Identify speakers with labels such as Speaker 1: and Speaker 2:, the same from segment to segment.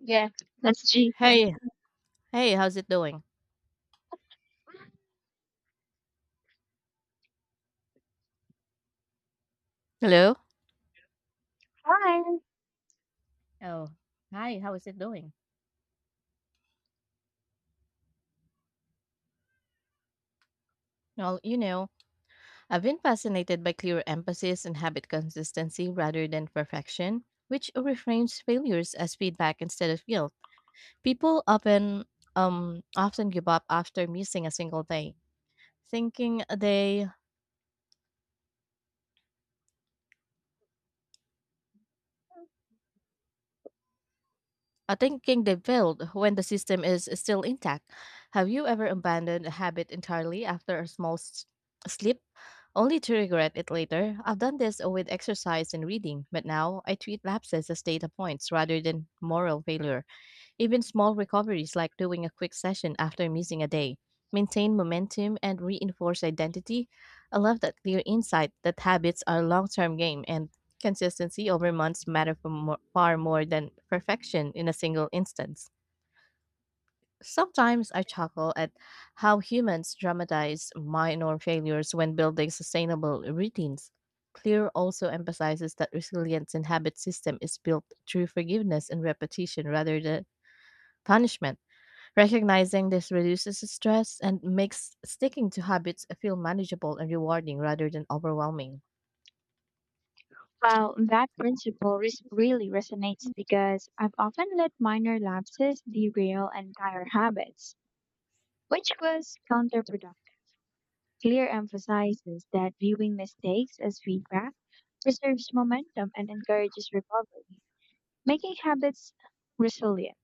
Speaker 1: Yeah, that's G.
Speaker 2: Hey, hey, how's it doing? Hello?
Speaker 1: Hi.
Speaker 2: Oh, hi, how is it doing? Well, you know, I've been fascinated by clear emphasis and habit consistency rather than perfection, which reframes failures as feedback instead of guilt. People often give up after missing a single day, thinking they thinking they failed when the system is still intact. Have you ever abandoned a habit entirely after a small slip, only to regret it later? I've done this with exercise and reading, but now I treat lapses as data points rather than moral failure. Even small recoveries like doing a quick session after missing a day maintain momentum and reinforce identity. I love that clear insight that habits are a long term game and consistency over months matter far more than perfection in a single instance. Sometimes I chuckle at how humans dramatize minor failures when building sustainable routines. Clear also emphasizes that resilience in habit system is built through forgiveness and repetition rather than punishment. Recognizing this reduces stress and makes sticking to habits feel manageable and rewarding rather than overwhelming.
Speaker 1: Well, that principle really resonates because I've often let minor lapses derail entire habits, which was counterproductive. Clear emphasizes that viewing mistakes as feedback preserves momentum and encourages recovery, making habits resilient.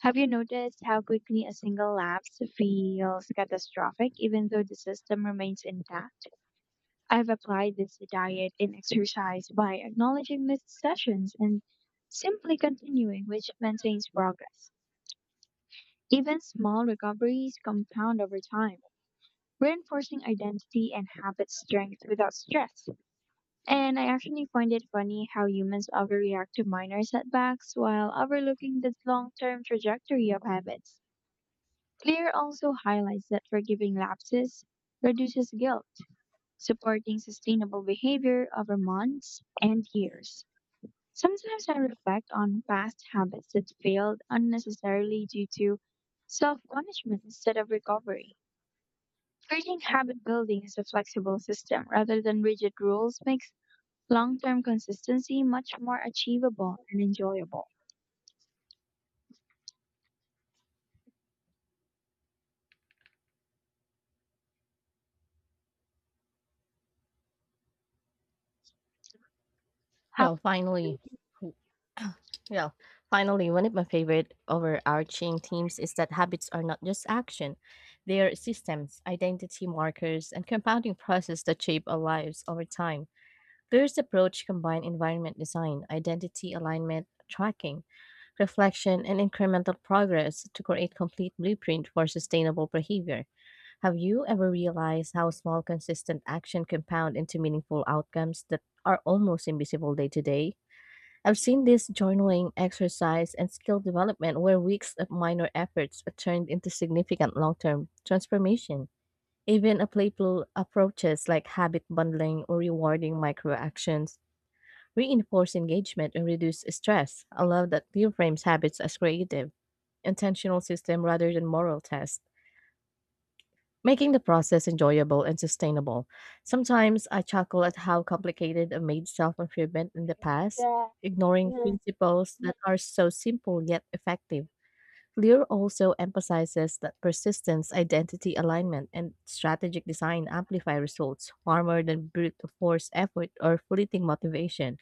Speaker 1: Have you noticed how quickly a single lapse feels catastrophic even though the system remains intact? I've applied this to diet and exercise by acknowledging missed sessions and simply continuing, which maintains progress. Even small recoveries compound over time, reinforcing identity and habit strength without stress. And I actually find it funny how humans overreact to minor setbacks while overlooking the long term trajectory of habits. Clear also highlights that forgiving lapses reduces guilt, supporting sustainable behavior over months and years. Sometimes I reflect on past habits that failed unnecessarily due to self punishment instead of recovery. Creating habit building as a flexible system rather than rigid rules makes long term consistency much more achievable and enjoyable. How
Speaker 2: Well,
Speaker 1: about
Speaker 2: finally, yeah, finally, one of my favorite overarching themes is that habits are not just action, they are systems, identity markers, and compounding process that shape our lives over time. Beer's approach combined environment design, identity alignment, tracking, reflection, and incremental progress to create complete blueprint for sustainable behavior. Have you ever realized how small, consistent action compound into meaningful outcomes that are almost invisible day to day? I've seen this journaling exercise and skill development where weeks of minor efforts are turned into significant long term transformation. Even a playful approaches like habit bundling or rewarding micro actions reinforce engagement and reduce stress. I love that reframes habits as creative, intentional system rather than moral test making the process enjoyable and sustainable. Sometimes I chuckle at how complicated I made self improvement in the past, ignoring
Speaker 1: you?
Speaker 2: principles that are so simple yet effective. Lear also emphasizes that persistence, identity alignment, and strategic design amplify results far more than brute force effort or fleeting motivation.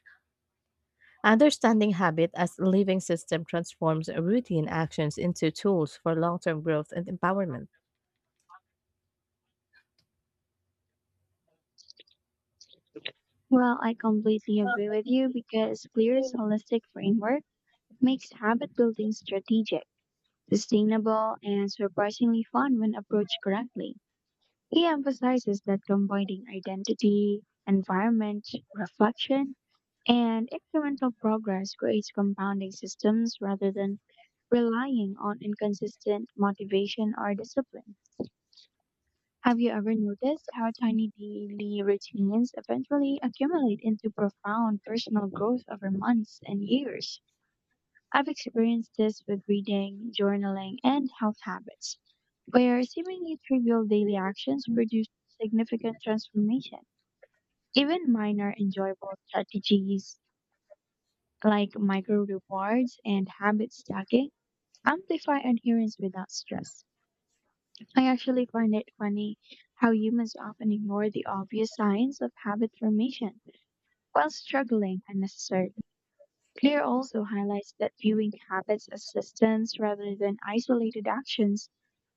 Speaker 2: Understanding habit as a living system transforms routine actions into tools for long term growth and empowerment.
Speaker 1: Well, I completely agree with you because clear, holistic framework makes habit building strategic, sustainable, and surprisingly fun when approached correctly. He emphasizes that combining identity, environment, reflection, and incremental progress creates compounding systems rather than relying on inconsistent motivation or discipline. Have you ever noticed how tiny daily routines eventually accumulate into profound personal growth over months and years? I've experienced this with reading, journaling, and health habits, where seemingly trivial daily actions produce significant transformation. Even minor enjoyable strategies like micro rewards and habit stacking amplify adherence without stress. I actually find it funny how humans often ignore the obvious signs of habit formation while struggling unnecessarily. Clear also highlights that viewing habits as systems rather than isolated actions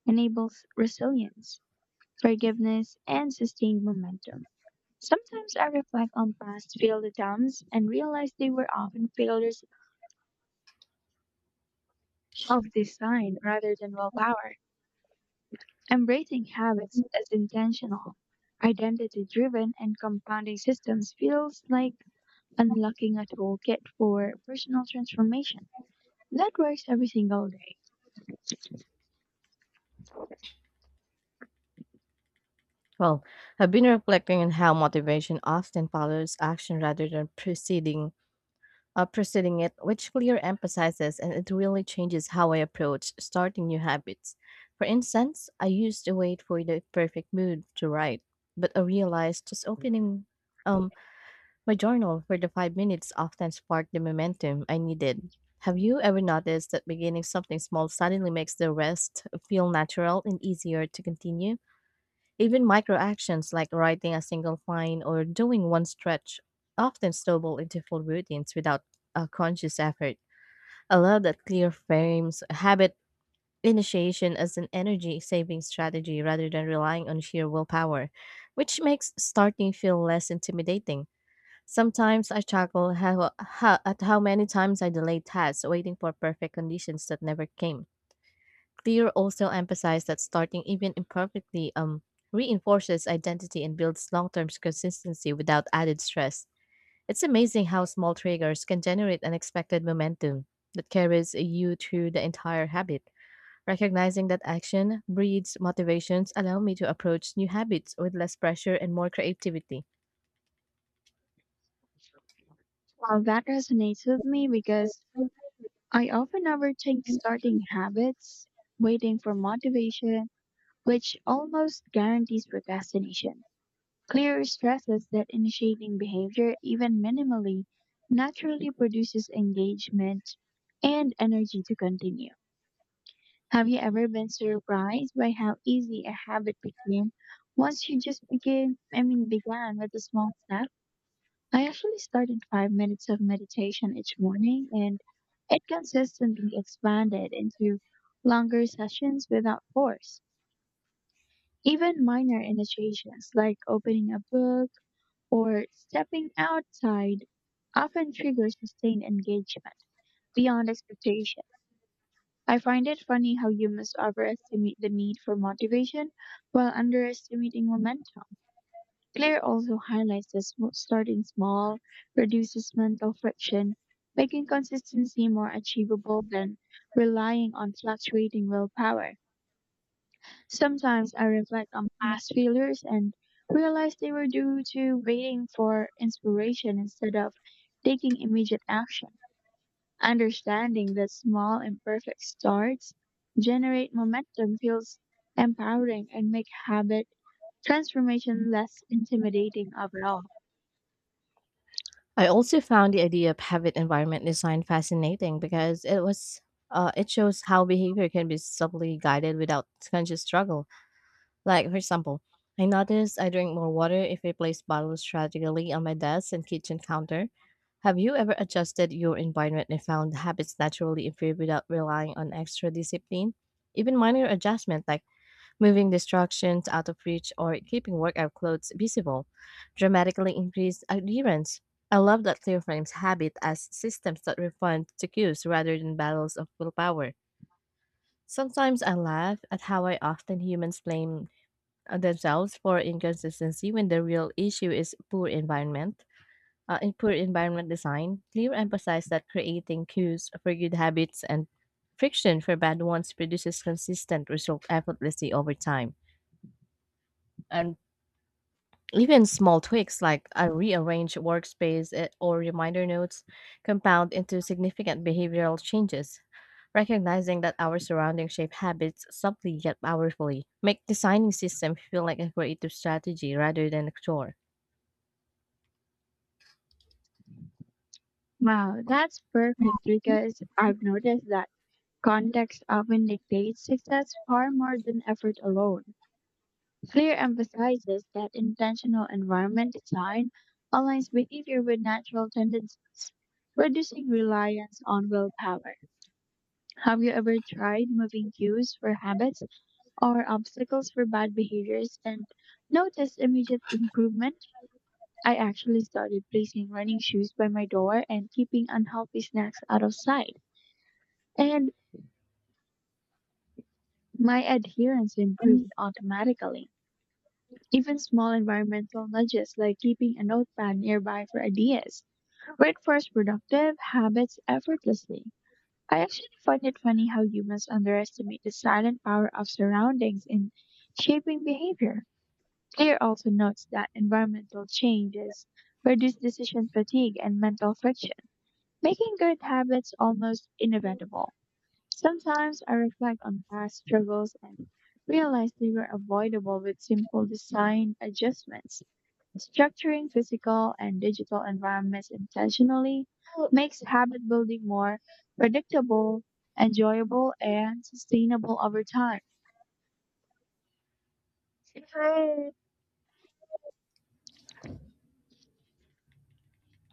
Speaker 1: enables resilience, forgiveness, and sustained momentum. Sometimes I reflect on past failed attempts and realize they were often failures of design rather than willpower. Embracing habits as intentional, identity driven, and compounding systems feels like unlocking a toolkit for personal transformation that works every single day.
Speaker 2: Well, I've been reflecting on how motivation often follows action rather than preceding it, which clear emphasizes and it really changes how I approach starting new habits. For instance, I used to wait for the perfect mood to write, but I realized just opening um my journal for the 5 minutes often sparked the momentum I needed. Have you ever noticed that beginning something small suddenly makes the rest feel natural and easier to continue? Even micro actions like writing a single line or doing one stretch often snowball into full routines without a conscious effort. I love that clear frames habit initiation as an energy saving strategy rather than relying on sheer willpower, which makes starting feel less intimidating. Sometimes I chuckle at how many times I delay tasks waiting for perfect conditions that never came. Clear also emphasized that starting even imperfectly reinforces identity and builds long term consistency without added stress. It's amazing how small triggers can generate unexpected momentum that carries you through the entire habit. Recognizing that action breeds motivations allow me to approach new habits with less pressure and more creativity.
Speaker 1: Well, that resonates with me because I often overthink starting habits, waiting for motivation, which almost guarantees procrastination. Clear stresses that initiating behavior, even minimally, naturally produces engagement and energy to continue. Have you ever been surprised by how easy a habit became once you just began with a small step? I actually started 5 minutes of meditation each morning and it consistently expanded into longer sessions without force. Even minor initiations like opening a book or stepping outside often trigger sustained engagement beyond expectation. I find it funny how humans overestimate the need for motivation while underestimating momentum. Claire also highlights that starting small reduces mental friction, making consistency more achievable than relying on fluctuating willpower. Sometimes I reflect on past failures and realize they were due to waiting for inspiration instead of taking immediate action. Understanding that small imperfect starts generate momentum feels empowering and make habit transformation less intimidating overall.
Speaker 2: I also found the idea of habit environment design fascinating because it shows how behavior can be subtly guided without conscious struggle. Like, for example, I noticed I drink more water if I place bottles strategically on my desk and kitchen counter. Have you ever adjusted your environment and found habits naturally improve without relying on extra discipline? Even minor adjustments like moving distractions out of reach or keeping workout clothes visible dramatically increase adherence. I love that Clear frames habit as systems that respond to cues rather than battles of willpower. Sometimes I laugh at how I often humans blame themselves for inconsistency when the real issue is poor environment. In poor environment design, Clear emphasized that creating cues for good habits and friction for bad ones produces consistent result effortlessly over time. And even small tweaks like a rearranged workspace or reminder notes compound into significant behavioral changes. Recognizing that our surroundings shape habits subtly yet powerfully make designing system feel like a creative strategy rather than a chore.
Speaker 1: Wow, that's perfect because I've noticed that context often dictates success far more than effort alone. Clear emphasizes that intentional environment design aligns behavior with natural tendencies, reducing reliance on willpower. Have you ever tried moving cues for habits or obstacles for bad behaviors and noticed immediate improvement? I actually started placing running shoes by my door and keeping unhealthy snacks out of sight, and my adherence improved automatically. Even small environmental nudges like keeping a notepad nearby for ideas reinforce productive habits effortlessly. I actually find it funny how humans underestimate the silent power of surroundings in shaping behavior. Clear also notes that environmental changes reduce decision fatigue and mental friction, making good habits almost inevitable. Sometimes I reflect on past struggles and realize they were avoidable with simple design adjustments. Structuring physical and digital environments intentionally makes habit building more predictable, enjoyable, and sustainable over time.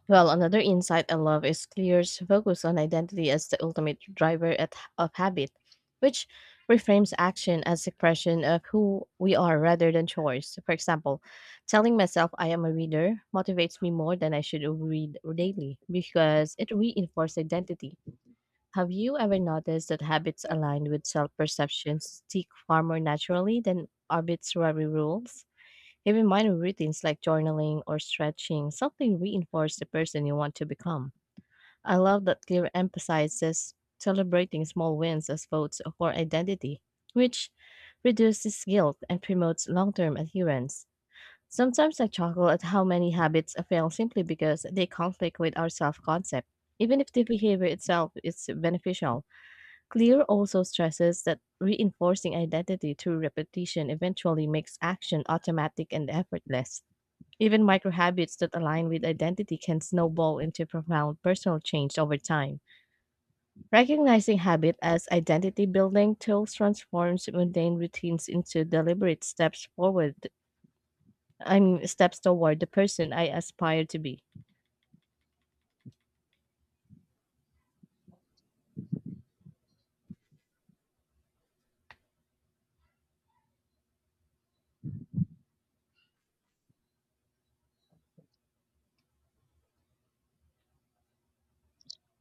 Speaker 2: Well, another insight I love is Clear's focus on identity as the ultimate driver of habit, which reframes action as expression of who we are rather than choice. For example, telling myself I am a reader motivates me more than I should read daily because it reinforces identity. Have you ever noticed that habits aligned with self perception stick far more naturally than arbitrary rules? Even minor routines like journaling or stretching, something reinforce the person you want to become. I love that Clear emphasizes celebrating small wins as votes for identity, which reduces guilt and promotes long term adherence. Sometimes I chuckle at how many habits fail simply because they conflict with our self concept, even if the behavior itself is beneficial. Clear also stresses that reinforcing identity through repetition eventually makes action automatic and effortless. Even micro habits that align with identity can snowball into profound personal change over time. Recognizing habit as identity building tools transforms mundane routines into deliberate steps forward. I mean, steps toward the person I aspire to be.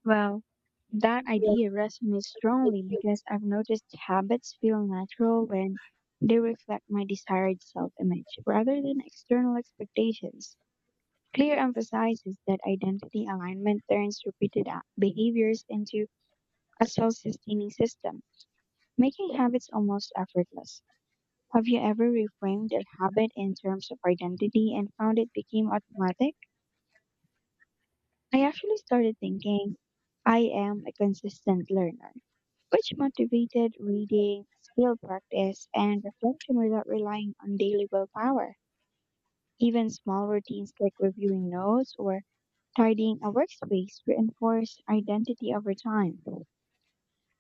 Speaker 1: Well, that
Speaker 2: Yeah.
Speaker 1: idea resonates strongly because I've noticed habits feel natural when they reflect my desired self image rather than external expectations. Clear emphasizes that identity alignment turns repeated behaviors into a self sustaining system, making habits almost effortless. Have you ever reframed a habit in terms of identity and found it became automatic? I actually started thinking, I am a consistent learner, which motivated reading, skill practice, and reflection without relying on daily willpower. Even small routines like reviewing notes or tidying a workspace reinforce identity over time.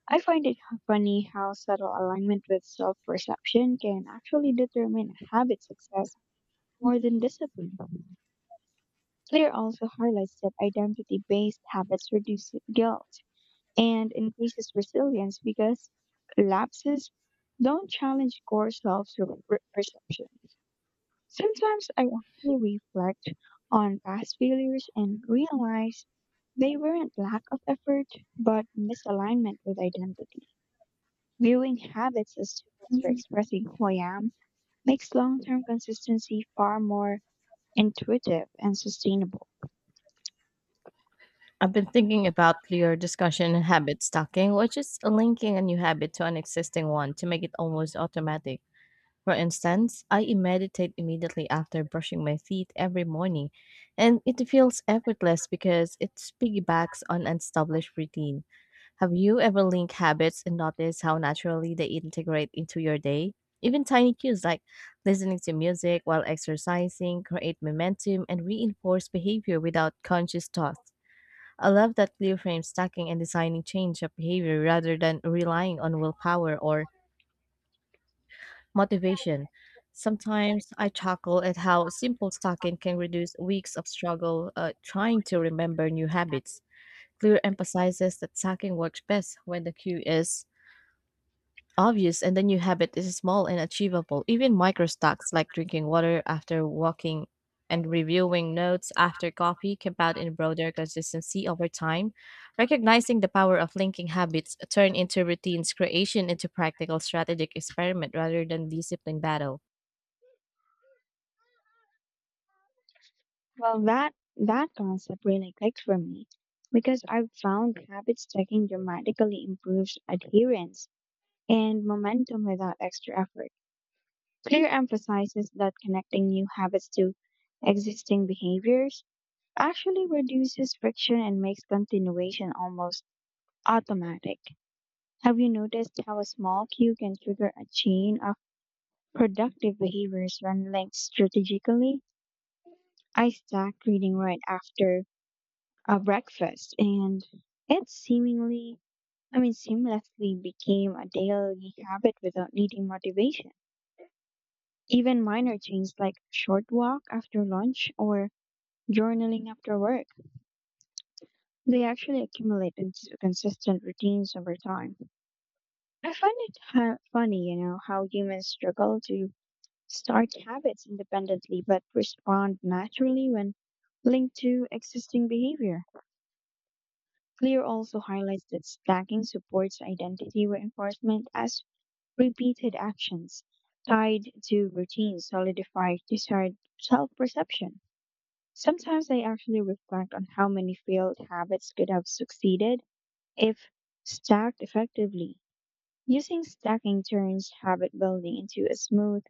Speaker 1: I find it funny how subtle alignment with self perception can actually determine a habit's success more than discipline. Twitter also highlights that identity based habits reduce guilt and increases resilience because lapses don't challenge core self perception. Sometimes I actually reflect on past failures and realize they weren't lack of effort but misalignment with identity. Viewing habits as tools for expressing who I am makes long term consistency far more intuitive and sustainable.
Speaker 2: I've been thinking about clear discussion and habit stacking, which is linking a new habit to an existing one to make it almost automatic. For instance, I meditate immediately after brushing my teeth every morning, and it feels effortless because it piggybacks on an established routine. Have you ever linked habits and noticed how naturally they integrate into your day? Even tiny cues like listening to music while exercising create momentum and reinforce behavior without conscious thought. I love that clear frame stacking and designing change of behavior rather than relying on willpower or motivation. Sometimes I chuckle at how simple stacking can reduce weeks of struggle trying to remember new habits. Clear emphasizes that stacking works best when the cue is obvious and the new habit is small and achievable. Even micro stacks like drinking water after walking and reviewing notes after coffee compound in broader consistency over time. Recognizing the power of linking habits turn into routines creation into practical strategic experiment rather than discipline battle.
Speaker 1: Well, that concept really clicked for me because I've found habit stacking dramatically improves adherence and momentum without extra effort. Clear emphasizes that connecting new habits to existing behaviors actually reduces friction and makes continuation almost automatic. Have you noticed how a small cue can trigger a chain of productive behaviors when linked strategically? I stacked reading right after a breakfast and it seemingly I mean seamlessly became a daily habit without needing motivation. Even minor changes like short walk after lunch or journaling after work, they actually accumulate into consistent routines over time. I find it funny, you know, how humans struggle to start habits independently but respond naturally when linked to existing behavior. Clear also highlights that stacking supports identity reinforcement as repeated actions tied to routines solidify desired self perception. Sometimes I actually reflect on how many failed habits could have succeeded if stacked effectively. Using stacking turns habit building into a smooth,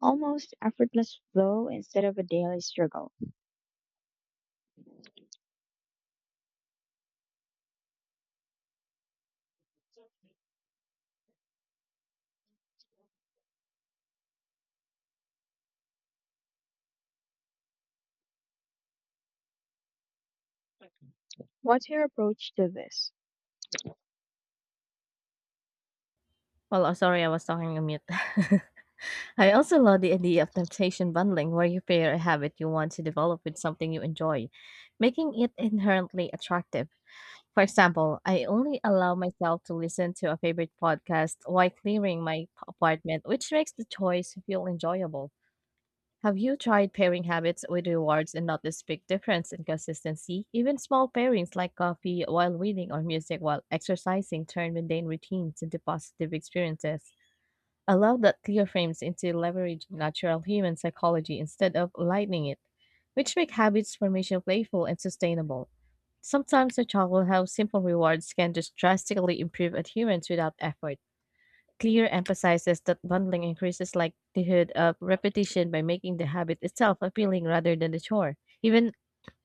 Speaker 1: almost effortless flow instead of a daily struggle. What's your approach to this?
Speaker 2: Well, oh, sorry, I was talking on mute. I also love the idea of temptation bundling, where you pair a habit you want to develop with something you enjoy, making it inherently attractive. For example, I only allow myself to listen to a favorite podcast while clearing my apartment, which makes the choice feel enjoyable. Have you tried pairing habits with rewards and noticed big difference in consistency? Even small pairings like coffee while reading or music while exercising turn mundane routines into positive experiences allow that clear frames into leveraging natural human psychology instead of lightening it, which make habits formation playful and sustainable. Sometimes a child will have simple rewards can just drastically improve adherence without effort. Clear emphasizes that bundling increases likelihood of repetition by making the habit itself appealing rather than the chore. Even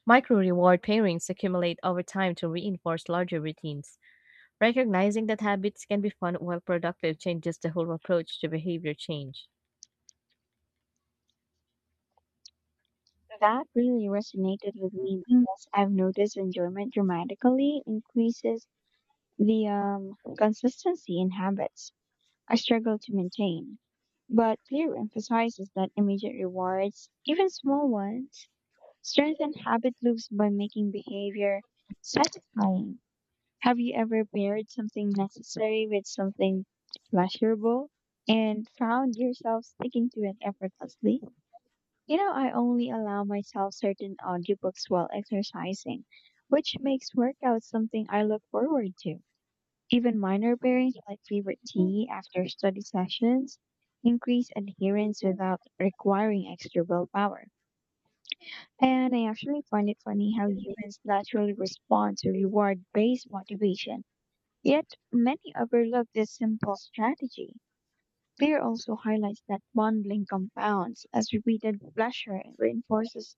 Speaker 2: micro reward pairings accumulate over time to reinforce larger routines. Recognizing that habits can be fun while productive changes the whole approach to behavior change.
Speaker 1: That really resonated with me because I've noticed enjoyment dramatically increases the consistency in habits I struggle to maintain. But Clear emphasizes that immediate rewards, even small ones, strengthen habit loops by making behavior satisfying. Have you ever paired something necessary with something pleasurable and found yourself sticking to it effortlessly? You know, I only allow myself certain audiobooks while exercising, which makes workouts something I look forward to. Even minor bearings like favorite tea after study sessions increase adherence without requiring extra willpower. And I actually find it funny how humans naturally respond to reward based motivation, yet many overlook this simple strategy. Fear also highlights that bonding compounds as repeated pleasure reinforces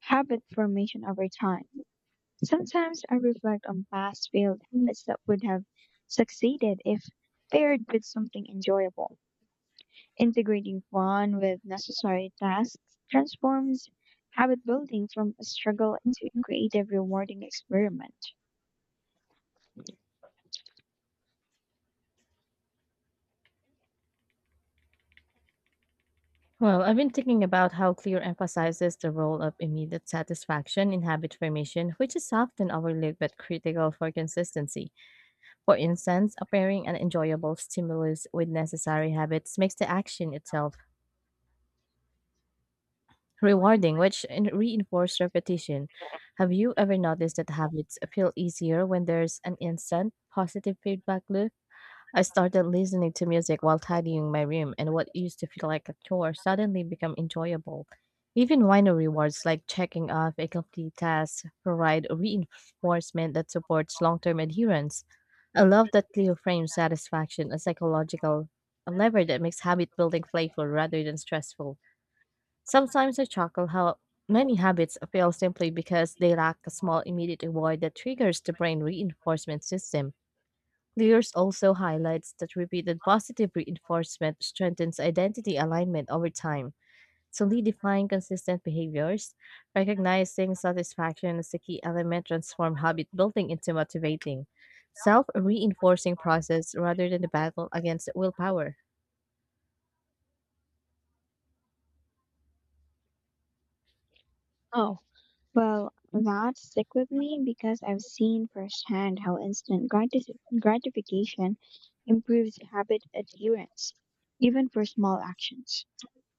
Speaker 1: habit formation over time. Sometimes I reflect on past failed
Speaker 2: Mhm.
Speaker 1: habits that would have succeeded if paired with something enjoyable. Integrating fun with necessary tasks transforms habit building from a struggle into a creative, rewarding experiment.
Speaker 2: Well, I've been thinking about how Clear emphasizes the role of immediate satisfaction in habit formation, which is often overlooked but critical for consistency. For instance, pairing an enjoyable stimulus with necessary habits makes the action itself rewarding, which reinforces repetition. Have you ever noticed that habits feel easier when there's an instant positive feedback loop? I started listening to music while tidying my room, and what used to feel like a chore suddenly became enjoyable. Even minor rewards like checking off a complete task provide reinforcement that supports long term adherence. I love that Cleo frames satisfaction as psychological a lever that makes habit building playful rather than stressful. Sometimes I chuckle how many habits fail simply because they lack a small immediate reward that triggers the brain reinforcement system. Lears also highlights that repeated positive reinforcement strengthens identity alignment over time, solidifying consistent behaviors. Recognizing satisfaction as a key element transform habit building into motivating, self reinforcing process rather than the battle against willpower.
Speaker 1: Well, that stick with me because I've seen firsthand how instant gratification improves habit adherence, even for small actions.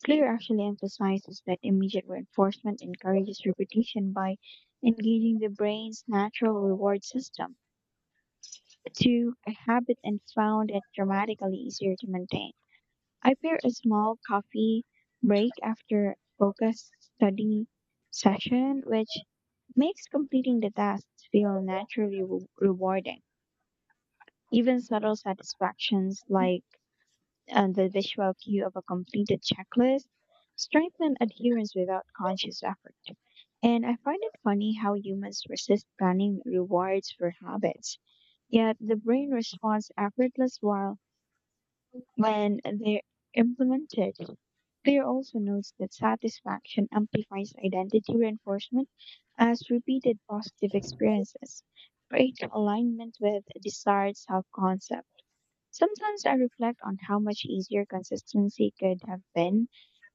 Speaker 1: Clear actually emphasizes that immediate reinforcement encourages repetition by engaging the brain's natural reward system to a habit and found it dramatically easier to maintain. I pair a small coffee break after focused study session, which makes completing the tasks feel naturally rewarding. Even subtle satisfactions like and the visual cue of a completed checklist strengthen adherence without conscious effort. And I find it funny how humans resist planning rewards for habits, yet the brain responds effortless while when they're implemented. Clear also notes that satisfaction amplifies identity reinforcement as repeated positive experiences create alignment with desired self-concept. Sometimes I reflect on how much easier consistency could have been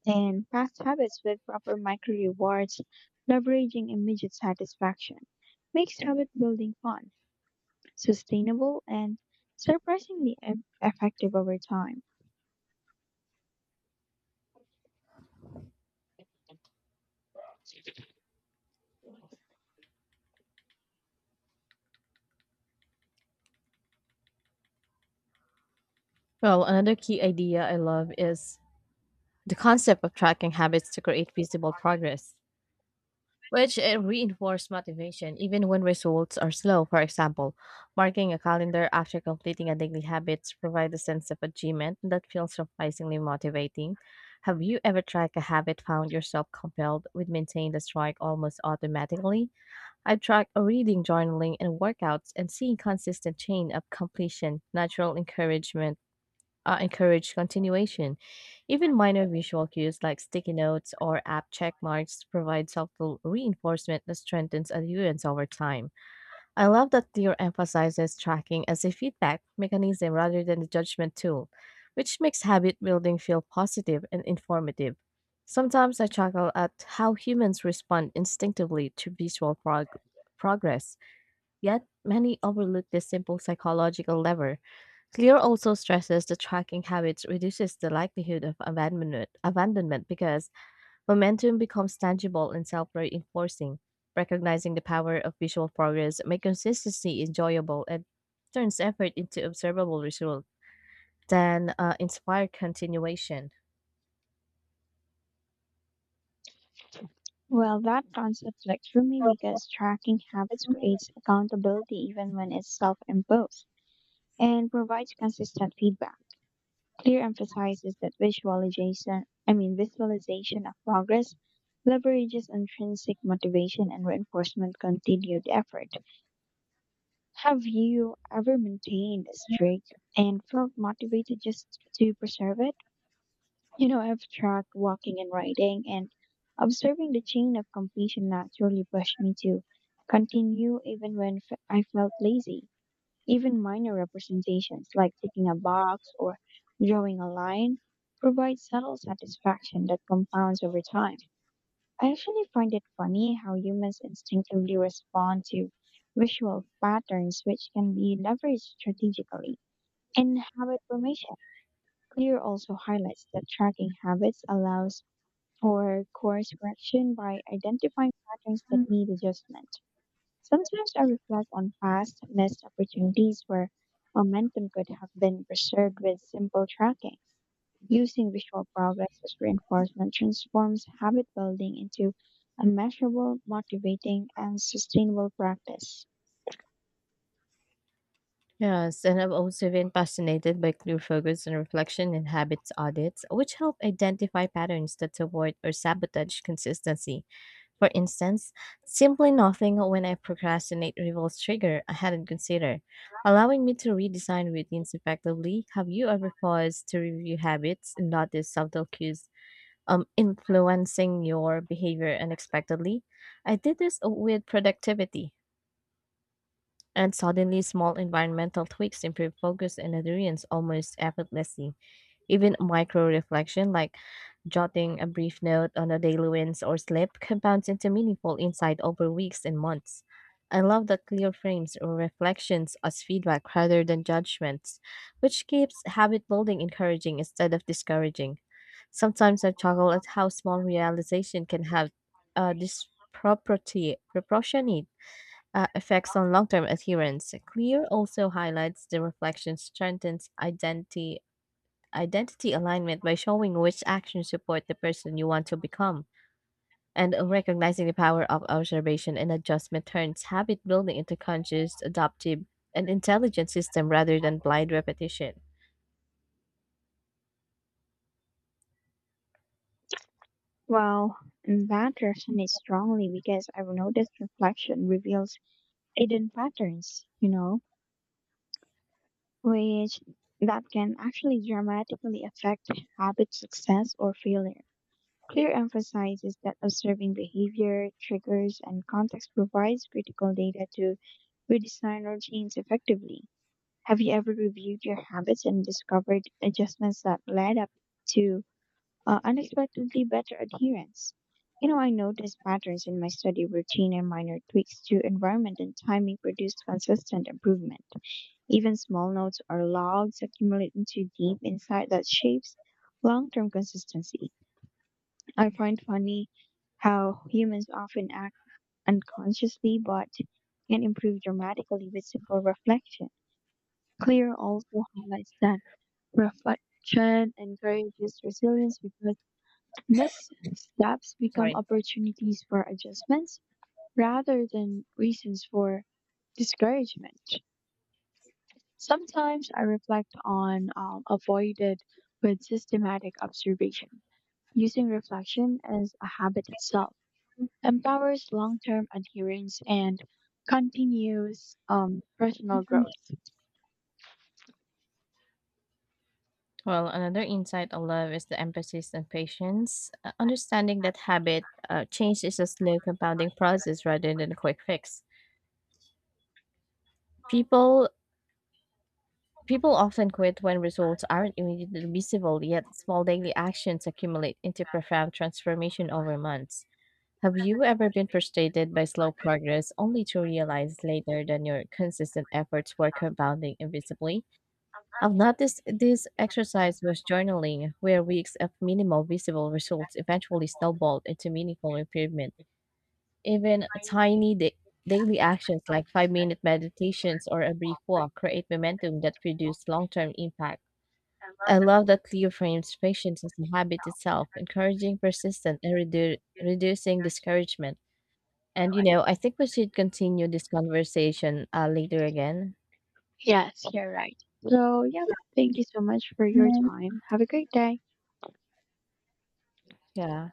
Speaker 1: in past habits with proper micro rewards. Leveraging immediate satisfaction makes habit building fun, sustainable, and surprisingly effective over time.
Speaker 2: Well, another key idea I love is the concept of tracking habits to create visible progress, which reinforce motivation even when results are slow. For example, marking a calendar after completing a daily habits provide a sense of achievement that feels surprisingly motivating. Have you ever tried a habit found yourself compelled with maintain the strike almost automatically? I've tried reading, journaling, and workouts and seeing consistent chain of completion, natural encourage continuation. Even minor visual cues like sticky notes or app check marks provide subtle reinforcement that strengthens adherence over time. I love that Deer emphasizes tracking as a feedback mechanism rather than a judgment tool, which makes habit building feel positive and informative. Sometimes I chuckle at how humans respond instinctively to visual progress, yet many overlook this simple psychological lever. Clear also stresses the tracking habits reduces the likelihood of abandonment because momentum becomes tangible and self reinforcing. Recognizing the power of visual progress makes consistency enjoyable and turns effort into observable results then inspire continuation.
Speaker 1: Well, that concept clicks for me because tracking habits creates accountability even when it's self imposed and provides consistent feedback. Clear emphasizes that visualization of progress leverages intrinsic motivation and reinforcement continued effort. Have you ever maintained a streak and felt motivated just to preserve it? You know, I've tried walking and writing and observing the chain of completion naturally pushed me to continue even when I felt lazy. Even minor representations like ticking a box or drawing a line provide subtle satisfaction that compounds over time. I actually find it funny how humans instinctively respond to visual patterns which can be leveraged strategically in habit formation. Clear also highlights that tracking habits allows for course correction by identifying patterns that need adjustment. Sometimes I reflect on past missed opportunities where momentum could have been preserved with simple tracking. Using visual progress as reinforcement transforms habit building into a measurable, motivating, and sustainable practice.
Speaker 2: Yes, and I've also been fascinated by clear focus and reflection in habits audits, which help identify patterns that support or sabotage consistency. For instance, simply nothing when I procrastinate reveals trigger I hadn't considered, allowing me to redesign routines effectively. Have you ever paused to review habits and notice subtle cues influencing your behavior unexpectedly? I did this with productivity, and suddenly small environmental tweaks improve focus and adherence almost effortlessly. Even micro reflection, like jotting a brief note on a daily wins or slip, compounds into meaningful insight over weeks and months. I love that clear frames or reflections as feedback rather than judgments, which keeps habit building encouraging instead of discouraging. Sometimes I chuckle at how small realization can have disproportionate proportionate effects on long-term adherence. Clear also highlights the reflection strengthens identity alignment by showing which actions support the person you want to become. And recognizing the power of observation and adjustment turns habit building into conscious, adaptive, and intelligent system rather than blind repetition.
Speaker 1: Well, that resonates strongly because I've noticed reflection reveals hidden patterns, you know, which that can actually dramatically affect habit success or failure. Clear emphasizes that observing behavior, triggers, and context provides critical data to redesign routines effectively. Have you ever reviewed your habits and discovered adjustments that led up to unexpectedly better adherence? You know, I noticed patterns in my study routine and minor tweaks to environment and timing produced consistent improvement. Even small notes or logs accumulate into deep insight that shapes long term consistency. I find funny how humans often act unconsciously but can improve dramatically with simple reflection. Clear also highlights that reflection encourages resilience because missteps become
Speaker 2: Sorry.
Speaker 1: opportunities for adjustments rather than reasons for discouragement. Sometimes I reflect on avoided with systematic observation, using reflection as a habit itself empowers long-term adherence and continues personal growth.
Speaker 2: Well, another insight I love is the emphasis on patience. Understanding that habit change is a slow compounding process rather than a quick fix. People People often quit when results aren't immediately visible, yet small daily actions accumulate into profound transformation over months. Have you ever been frustrated by slow progress only to realize later that your consistent efforts were compounding invisibly? I've noticed this exercise was journaling, where weeks of minimal visible results eventually snowballed into meaningful improvement. Even tiny daily actions like 5 minute meditations or a brief walk create momentum that produce long term impact. I love that Leo frames patience as a habit itself, encouraging persistence and reducing discouragement. And you know, I think we should continue this conversation later again.
Speaker 1: Yes, you're right. So, yeah, thank you so much for your time. Have a great day.
Speaker 2: Yeah.